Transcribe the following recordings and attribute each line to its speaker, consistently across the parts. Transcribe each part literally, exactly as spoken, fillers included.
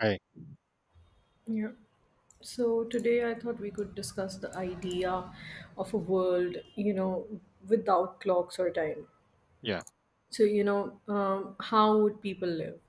Speaker 1: Right.
Speaker 2: Yeah. So today I thought we could discuss the idea of a world, you know, without clocks or time.
Speaker 1: Yeah.
Speaker 2: So, you know, um, how would people live?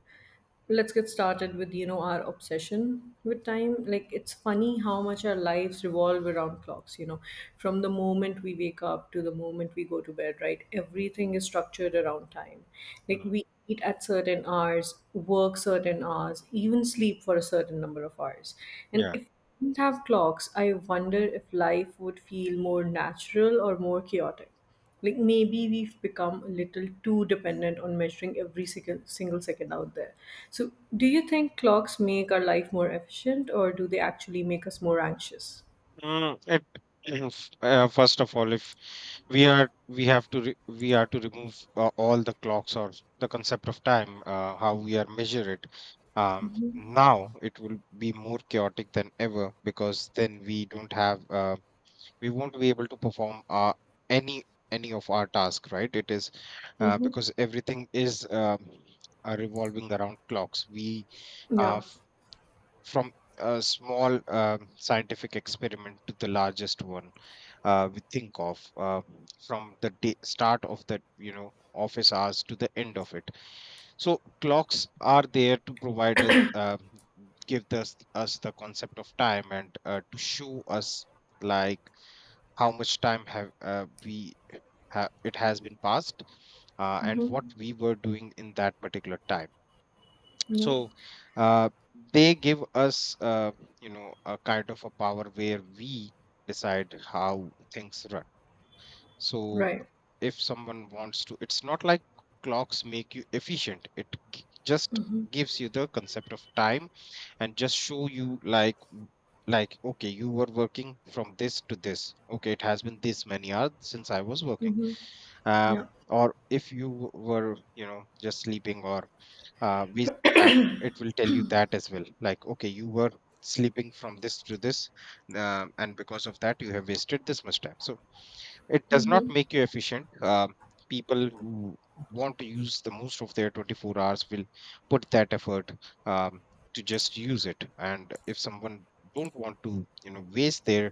Speaker 2: Let's get started with you know our obsession with time. Like, it's funny how much our lives revolve around clocks you know from the moment we wake up to the moment we go to bed, right? Everything is structured around time. Like,
Speaker 1: Mm.
Speaker 2: we eat at certain hours, work certain hours, even sleep for a certain number of hours. And
Speaker 1: Yeah.
Speaker 2: if we didn't have clocks, I wonder if life would feel more natural or more chaotic. Like, maybe we've become a little too dependent on measuring every single, single second out there. So, do you think clocks make our life more efficient, or do they actually make us more anxious?
Speaker 1: Mm, it, is- uh, First of all, if we are we have to re we are to remove uh, all the clocks or the concept of time, uh, how we are measure it. Um,
Speaker 2: Mm-hmm.
Speaker 1: now it will be more chaotic than ever because then we don't have uh, we won't be able to perform uh, any any of our task, right? It is uh,
Speaker 2: Mm-hmm.
Speaker 1: because everything is um, uh, revolving around clocks. We uh,
Speaker 2: Yeah.
Speaker 1: from a small um, scientific experiment to the largest one, uh, we think of, uh, from the day, start of the you know office hours to the end of it. So clocks are there to provide us uh, give us us the concept of time, and uh, to show us like how much time have uh, we ha- it has been passed, uh, and what
Speaker 2: Mm-hmm.
Speaker 1: we were doing in that particular time.
Speaker 2: Yeah.
Speaker 1: So uh, they give us uh, you know a kind of a power where we decide how things run. So
Speaker 2: Right.
Speaker 1: if someone wants to, it's not like clocks make you efficient, it g- just
Speaker 2: Mm-hmm.
Speaker 1: gives you the concept of time, and just show you like w- like, okay, you were working from this to this. Okay, it has been this many hours since I was working,
Speaker 2: Mm-hmm. Yeah.
Speaker 1: um or if you were you know just sleeping, or uh, waste time, it will tell you that as well, like, okay, you were sleeping from this to this, uh, and because of that you have wasted this much time. So it does not
Speaker 2: Mm-hmm.
Speaker 1: make you efficient. Um people who want to use the most of their twenty-four hours will put that effort, um, to just use it. And if someone don't want to you know waste their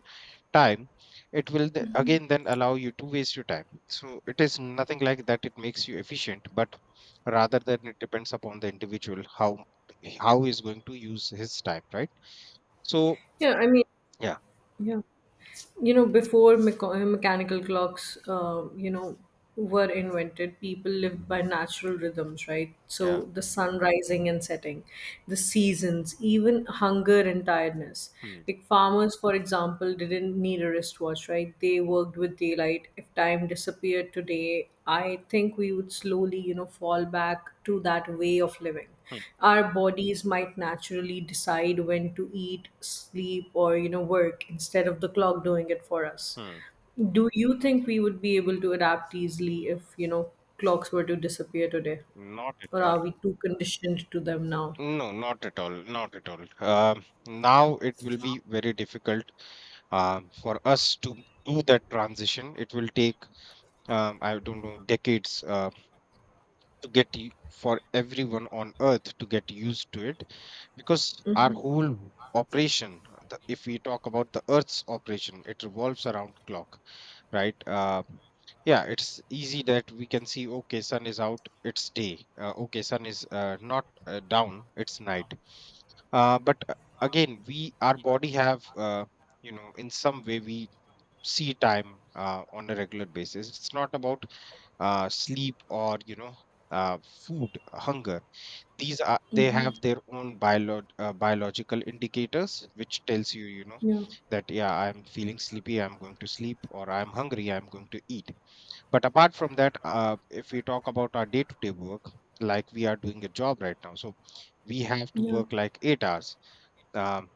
Speaker 1: time, it will th- again then allow you to waste your time. So it is nothing like that it makes you efficient, but rather than, it depends upon the individual how how he's going to use his time, right? so
Speaker 2: Yeah, I mean,
Speaker 1: yeah.
Speaker 2: yeah, you know, before mecha- uh, mechanical clocks uh, you know were invented, people lived by natural rhythms, right? So,
Speaker 1: Yeah.
Speaker 2: the sun rising and setting, the seasons, even hunger and tiredness.
Speaker 1: Hmm.
Speaker 2: Like, farmers, for example, didn't need a wristwatch, right? They worked with daylight. If time disappeared today, I think we would slowly, you know, fall back to that way of living.
Speaker 1: Hmm.
Speaker 2: Our bodies might naturally decide when to eat, sleep, or, you know, work instead of the clock doing it for us.
Speaker 1: Hmm.
Speaker 2: Do you think we would be able to adapt easily if, you know, clocks were to disappear today?
Speaker 1: Not
Speaker 2: Or
Speaker 1: at all.
Speaker 2: are we too conditioned to them now?
Speaker 1: No, not at all. Not at all. Um, now it will be very difficult, um, for us to do that transition. It will take, um, I don't know, decades, uh, to get y- for everyone on earth to get used to it, because our whole operation, uh, the, if we talk about the earth's operation, it revolves around clock, right? Uh, yeah, it's easy that we can see, okay, sun is out, it's day. Uh, okay, sun is uh, not uh, down, it's night. Uh, but uh, again, we our body have, uh, you know in some way we see time uh, on a regular basis. It's not about uh, sleep or you know uh, food, hunger. These are they have
Speaker 2: Hmm.
Speaker 1: their own biolog- uh, biological indicators which tells you, you know
Speaker 2: Yeah,
Speaker 1: that, yeah, I'm feeling sleepy, I'm going to sleep, or I'm hungry, I'm going to eat. But apart from that, uh, if we talk about our day to day work, like, we are doing a job right now, so we have to
Speaker 2: yeah.
Speaker 1: work like eight hours. um,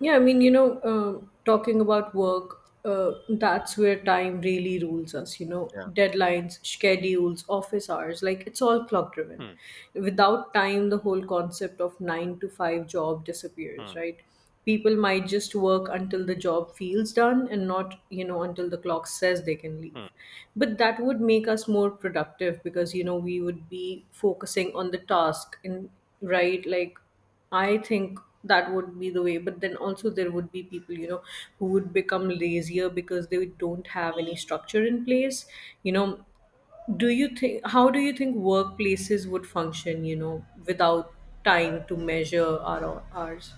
Speaker 2: Yeah, I mean, you know, um, talking about work, uh, that's where time really rules us, you know,
Speaker 1: yeah.
Speaker 2: deadlines, schedules, office hours, like it's all clock driven.
Speaker 1: Hmm.
Speaker 2: Without time, the whole concept of nine to five job disappears,
Speaker 1: Hmm.
Speaker 2: right? People might just work until the job feels done and not, you know, until the clock says they can leave. But that would make us more productive because, you know, we would be focusing on the task, and right, like, I think that would be the way. But then also there would be people, you know, who would become lazier because they don't have any structure in place. You know, do you think how do you think workplaces would function, you know, without time to measure our hours?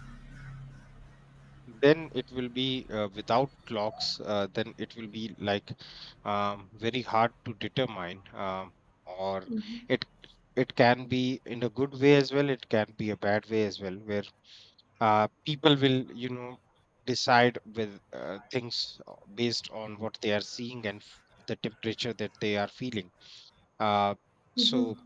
Speaker 1: Then it will be, uh, without clocks, uh, then it will be like, um, very hard to determine, um, or, it it can be in a good way as well, it can be a bad way as well, where uh, people will you know decide with uh, things uh, based on what they are seeing and f- the temperature that they are feeling. uh, so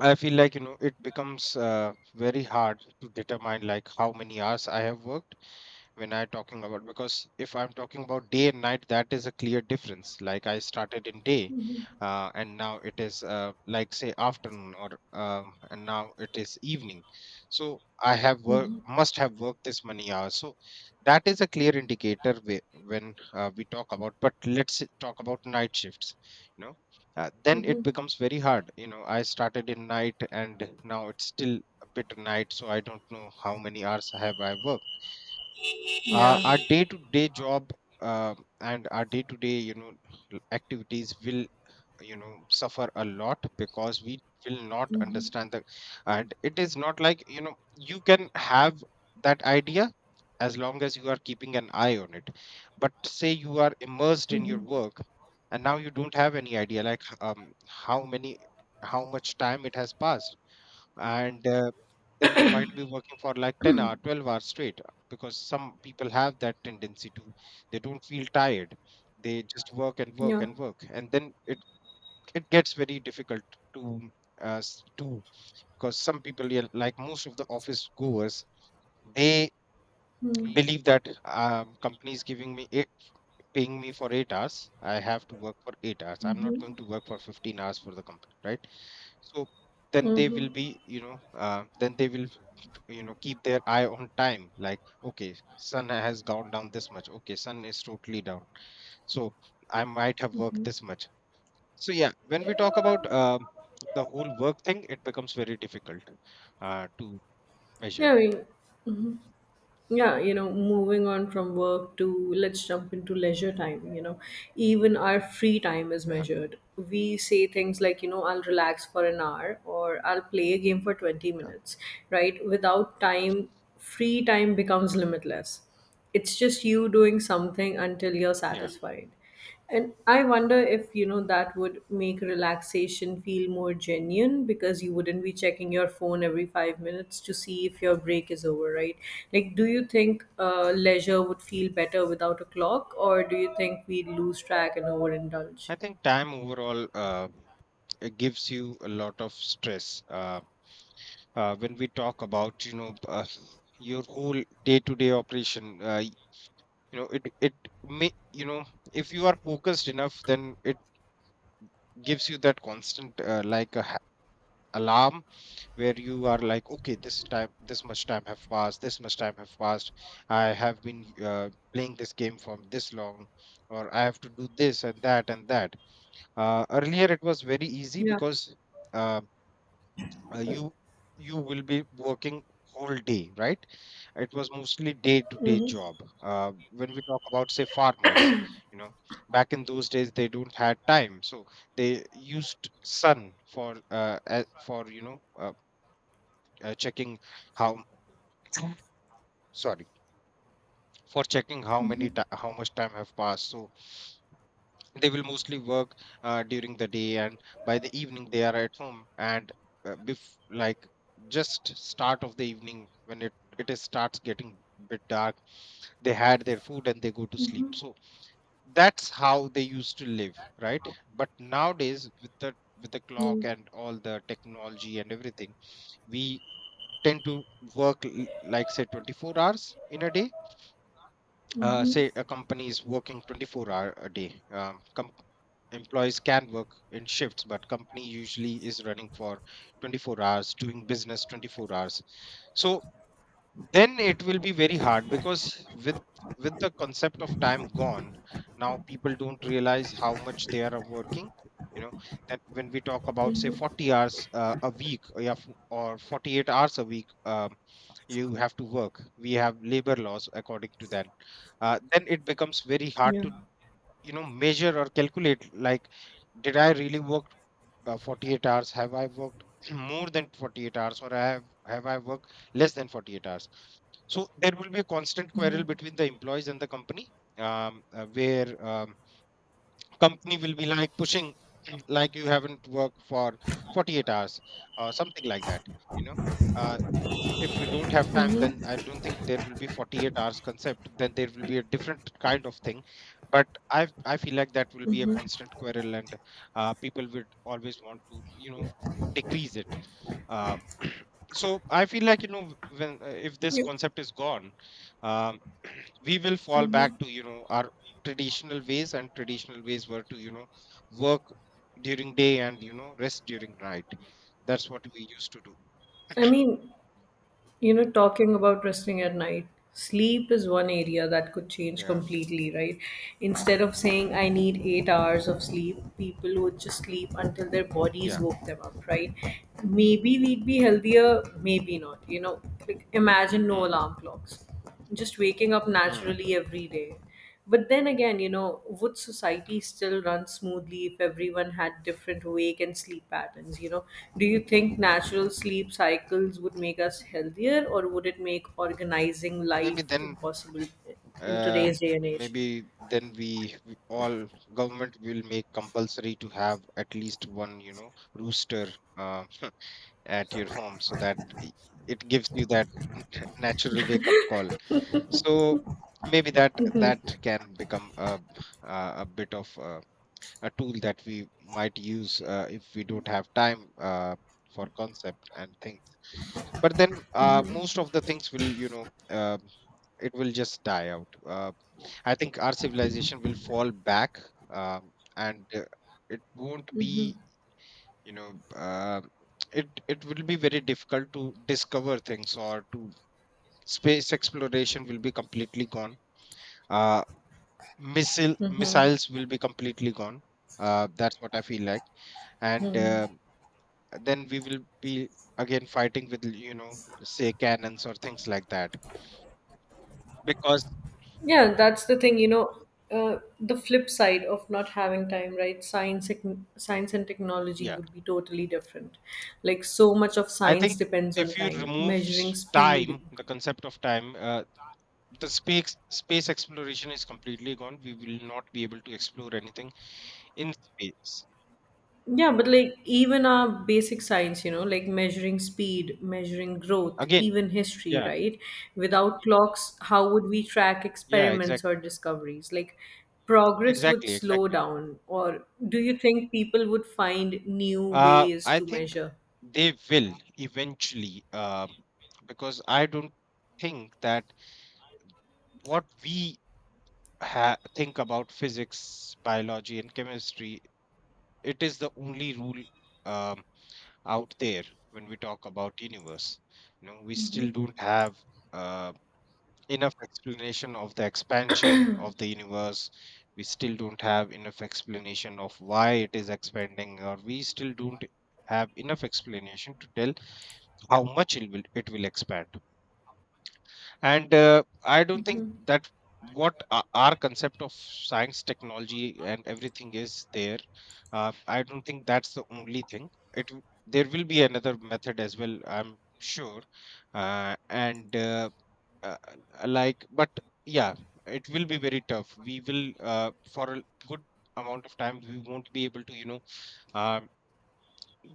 Speaker 1: I feel like, you know it becomes uh, very hard to determine, like, how many hours I have worked. When I talking about, because if I'm talking about day and night, that is a clear difference, like I started in day, uh, and now it is uh, like, say, afternoon, or um, and now it is evening. So I have work
Speaker 2: Mm-hmm.
Speaker 1: must have worked this many hours. So that is a clear indicator, whe- when uh, we talk about. But let's talk about night shifts you know uh, then it
Speaker 2: Mm-hmm.
Speaker 1: becomes very hard. you know I started in night and now it's still a bit night, so I don't know how many hours have I worked. Uh, our
Speaker 2: Yeah.
Speaker 1: day-to-day job, uh, and our day-to-day you know l- activities will you know suffer a lot because we will not understand the— And it is not like, you know you can have that idea as long as you are keeping an eye on it. But say you are immersed in your work, and now you don't have any idea, like, h- um, how many how much time it has passed. And uh, then you might be working for like ten hour twelve hours straight, uh, because some people have that tendency to, they don't feel tired, they just work and work
Speaker 2: Yeah.
Speaker 1: and work. And then it it gets very difficult to uh, s- do. Because some people, yeah, like most of the office goers, they
Speaker 2: Mm-hmm.
Speaker 1: believe that, um, companies giving me eight, paying me for eight hours, I have to work for eight hours, I'm not going to work for fifteen hours for the company, right? So then they will
Speaker 2: Mm-hmm.
Speaker 1: be, you know, uh, then they will, you know, keep their eye on time. Like, okay, sun has gone down this much. Okay, sun is totally down. So I might have worked this much. So, yeah, when we talk about uh, the whole work thing, it becomes very difficult uh, to measure.
Speaker 2: Yeah, I mean, yeah, you know moving on from work to, let's jump into leisure time you know Even our free time is
Speaker 1: Yeah.
Speaker 2: measured. We say things like, you know I'll relax for an hour, or I'll play a game for twenty
Speaker 1: Yeah.
Speaker 2: minutes, right? Without time, free time becomes
Speaker 1: Mhm.
Speaker 2: limitless. It's just you doing something until you're
Speaker 1: Yeah.
Speaker 2: satisfied. And I wonder if, you know, that would make relaxation feel more genuine, because you wouldn't be checking your phone every five minutes to see if your break is over, right? Like, do you think uh, leisure would feel better without a clock, or do you think we'd lose track and overindulge?
Speaker 1: I think time overall, uh, it gives you a lot of stress. Uh, uh, when we talk about, you know, uh, your whole day-to-day operation, uh, you know it it may, you know if you are focused enough, then it gives you that constant, uh, like a, ha- alarm, where you are like, okay, this time this much time have passed, this much time have passed. I have been uh, playing this game for this long, or I have to do this and that and that. Uh, earlier it was very easy
Speaker 2: Yeah.
Speaker 1: because, uh, uh, you you will be working whole day, right? It was mostly day to day job,
Speaker 2: Mm-hmm.
Speaker 1: uh, when we talk about, say, farmers, you know back in those days they don't had time. So they used sun for, uh, a- for you know uh, uh, checking how sorry, for checking how many ti how much time have passed. So they will mostly work uh, during the day, and by the evening they are at home. And uh, bef- like, just start of the evening, when it it is starts getting bit dark, they had their food and they go to sleep. So that's how they used to live, right? But nowadays with the with the
Speaker 2: Yeah.
Speaker 1: clock and all the technology and everything, we tend to work l- like, say, twenty-four hours in a day. Uh,
Speaker 2: Mm-hmm.
Speaker 1: say a company is working twenty-four hour a day. um, Employees can work in shifts, but company usually is running for twenty-four hours, doing business twenty-four hours. So then it will be very hard, because with with the concept of time gone, now people don't realize how much they are working. You know that, when we talk about, say, forty hours uh, a week, or, yeah, f- or forty-eight hours a week, um, you have to work. We have labor laws according to that. Uh, then it becomes very hard
Speaker 2: Yeah.
Speaker 1: to you know measure or calculate, like, did I really work, uh, forty-eight hours, have I worked more than forty-eight hours, or I have have I worked less than forty-eight hours? So there will be a constant
Speaker 2: Yeah,
Speaker 1: quarrel between the employees and the company, um, uh, where um, company will be like pushing like, you haven't worked for forty-eight hours, or something like that you know Uh, if we don't have time, then I don't think there will be forty-eight hours concept, then there will be a different kind of thing. But i i feel like that will be a constant quarrel, and uh, people would always want to you know decrease it. uh, so I feel like, you know when uh, if this concept is gone, um, we will fall back to you know our traditional ways. And traditional ways were to you know work during day and you know rest during night. That's what we used to do.
Speaker 2: I mean, You know, talking about resting at night, sleep is one area that could change
Speaker 1: Yeah.
Speaker 2: completely, right? Instead of saying I need eight hours of sleep, people would just sleep until their bodies
Speaker 1: yeah
Speaker 2: woke them up, right? Maybe we'd be healthier, maybe not. You know, like imagine no
Speaker 1: Hmm.
Speaker 2: alarm clocks, just waking up
Speaker 1: Hmm.
Speaker 2: naturally every day. But then again, you know, would society still run smoothly if everyone had different wake and sleep patterns? You know, do you think natural sleep cycles would make us healthier, or would it make organizing life
Speaker 1: Maybe then,
Speaker 2: impossible in
Speaker 1: uh,
Speaker 2: today's day and age?
Speaker 1: Maybe then, we, we all government will make compulsory to have at least one, you know, rooster, uh, at your home, so that i- it gives you that, n- natural wake up call. So maybe that that can become a, a, a bit of a, a tool that we might use, uh, if we don't have time, uh, for concept and things. But then, uh, most of the things will, you know um, it will just die out. uh, I think our civilization will fall back, um, and uh, it won't be, you know uh, it it will be very difficult to discover things, or to space exploration will be completely gone. uh, missile missiles will be completely gone. Uh, that's what I feel like. And uh, then we will be again fighting with, you know say, cannons or things like that, because—
Speaker 2: Yeah, that's the thing, you know, uh, the flip side of not having time, right? Science, tec- science and technology
Speaker 1: Yeah,
Speaker 2: would be totally different. Like, so much of
Speaker 1: I
Speaker 2: science
Speaker 1: think
Speaker 2: depends on
Speaker 1: if you
Speaker 2: time,
Speaker 1: remove
Speaker 2: measuring
Speaker 1: s-
Speaker 2: speed.
Speaker 1: time, the concept of time, uh, the space space exploration is completely gone. We will not be able to explore anything in space
Speaker 2: Yeah, but like, even our basic science, you know, like measuring speed, measuring growth,
Speaker 1: again.
Speaker 2: even history,
Speaker 1: Yeah,
Speaker 2: right? Without clocks, how would we track
Speaker 1: yeah,
Speaker 2: experiments or
Speaker 1: exactly,
Speaker 2: discoveries? Like, progress would
Speaker 1: exactly,
Speaker 2: slow
Speaker 1: exactly.
Speaker 2: down, or do you think people would find new
Speaker 1: Uh,
Speaker 2: ways
Speaker 1: I
Speaker 2: to
Speaker 1: think
Speaker 2: measure?
Speaker 1: they will eventually, um, because I don't think that what we ha- think about physics, biology, and chemistry, it is the only rule. um Out there, when we talk about universe, you know we still don't have uh, enough explanation of the expansion of the universe. We still don't have enough explanation of why it is expanding, or we still don't have enough explanation to tell how much it will it will expand. And uh, I don't think that what o- our concept of science, technology, and everything is there. uh, I don't think that's the only thing, it w- there will be another method as well, I'm sure. uh, and uh, uh, uh, like, but yeah, it will be very tough. We will uh, For a good amount of time we won't be able to, you know uh,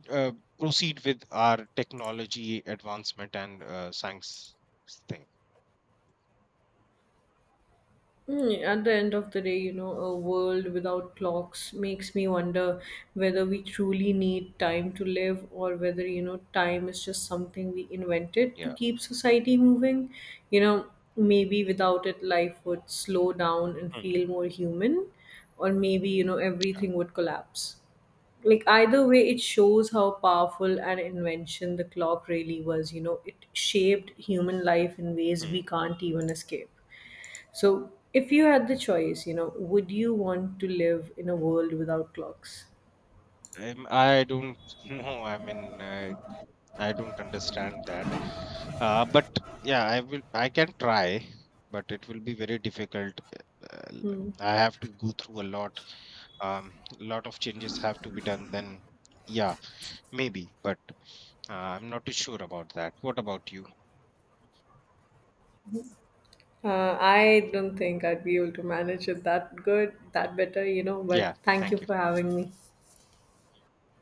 Speaker 1: uh, proceed with our technology advancement and uh, science thing.
Speaker 2: Mm, At the end of the day, you know, a world without clocks makes me wonder whether we truly need time to live, or whether, you know, time is just something we invented to
Speaker 1: Yeah.
Speaker 2: keep society moving. You know, maybe without it, life would slow down and
Speaker 1: Hmm.
Speaker 2: feel more human, or maybe, you know, everything would collapse. Like, either way, it shows how powerful an invention the clock really was. You know, it shaped human life in ways we
Speaker 1: Hmm.
Speaker 2: can't even escape. So, if you had the choice, you know, would you want to live in a world without clocks?
Speaker 1: Um, I don't know. I mean, I, I don't understand that. Uh, but yeah, I will. I can try, but it will be very difficult. Uh,
Speaker 2: Hmm.
Speaker 1: I have to go through a lot. Um, a lot of changes have to be done. Then, yeah, maybe. But uh, I'm not too sure about that. What about you?
Speaker 2: Uh, I don't think I'd be able to manage it that good, that better, you know, but
Speaker 1: Yeah,
Speaker 2: thank you
Speaker 1: thank you.
Speaker 2: for having me.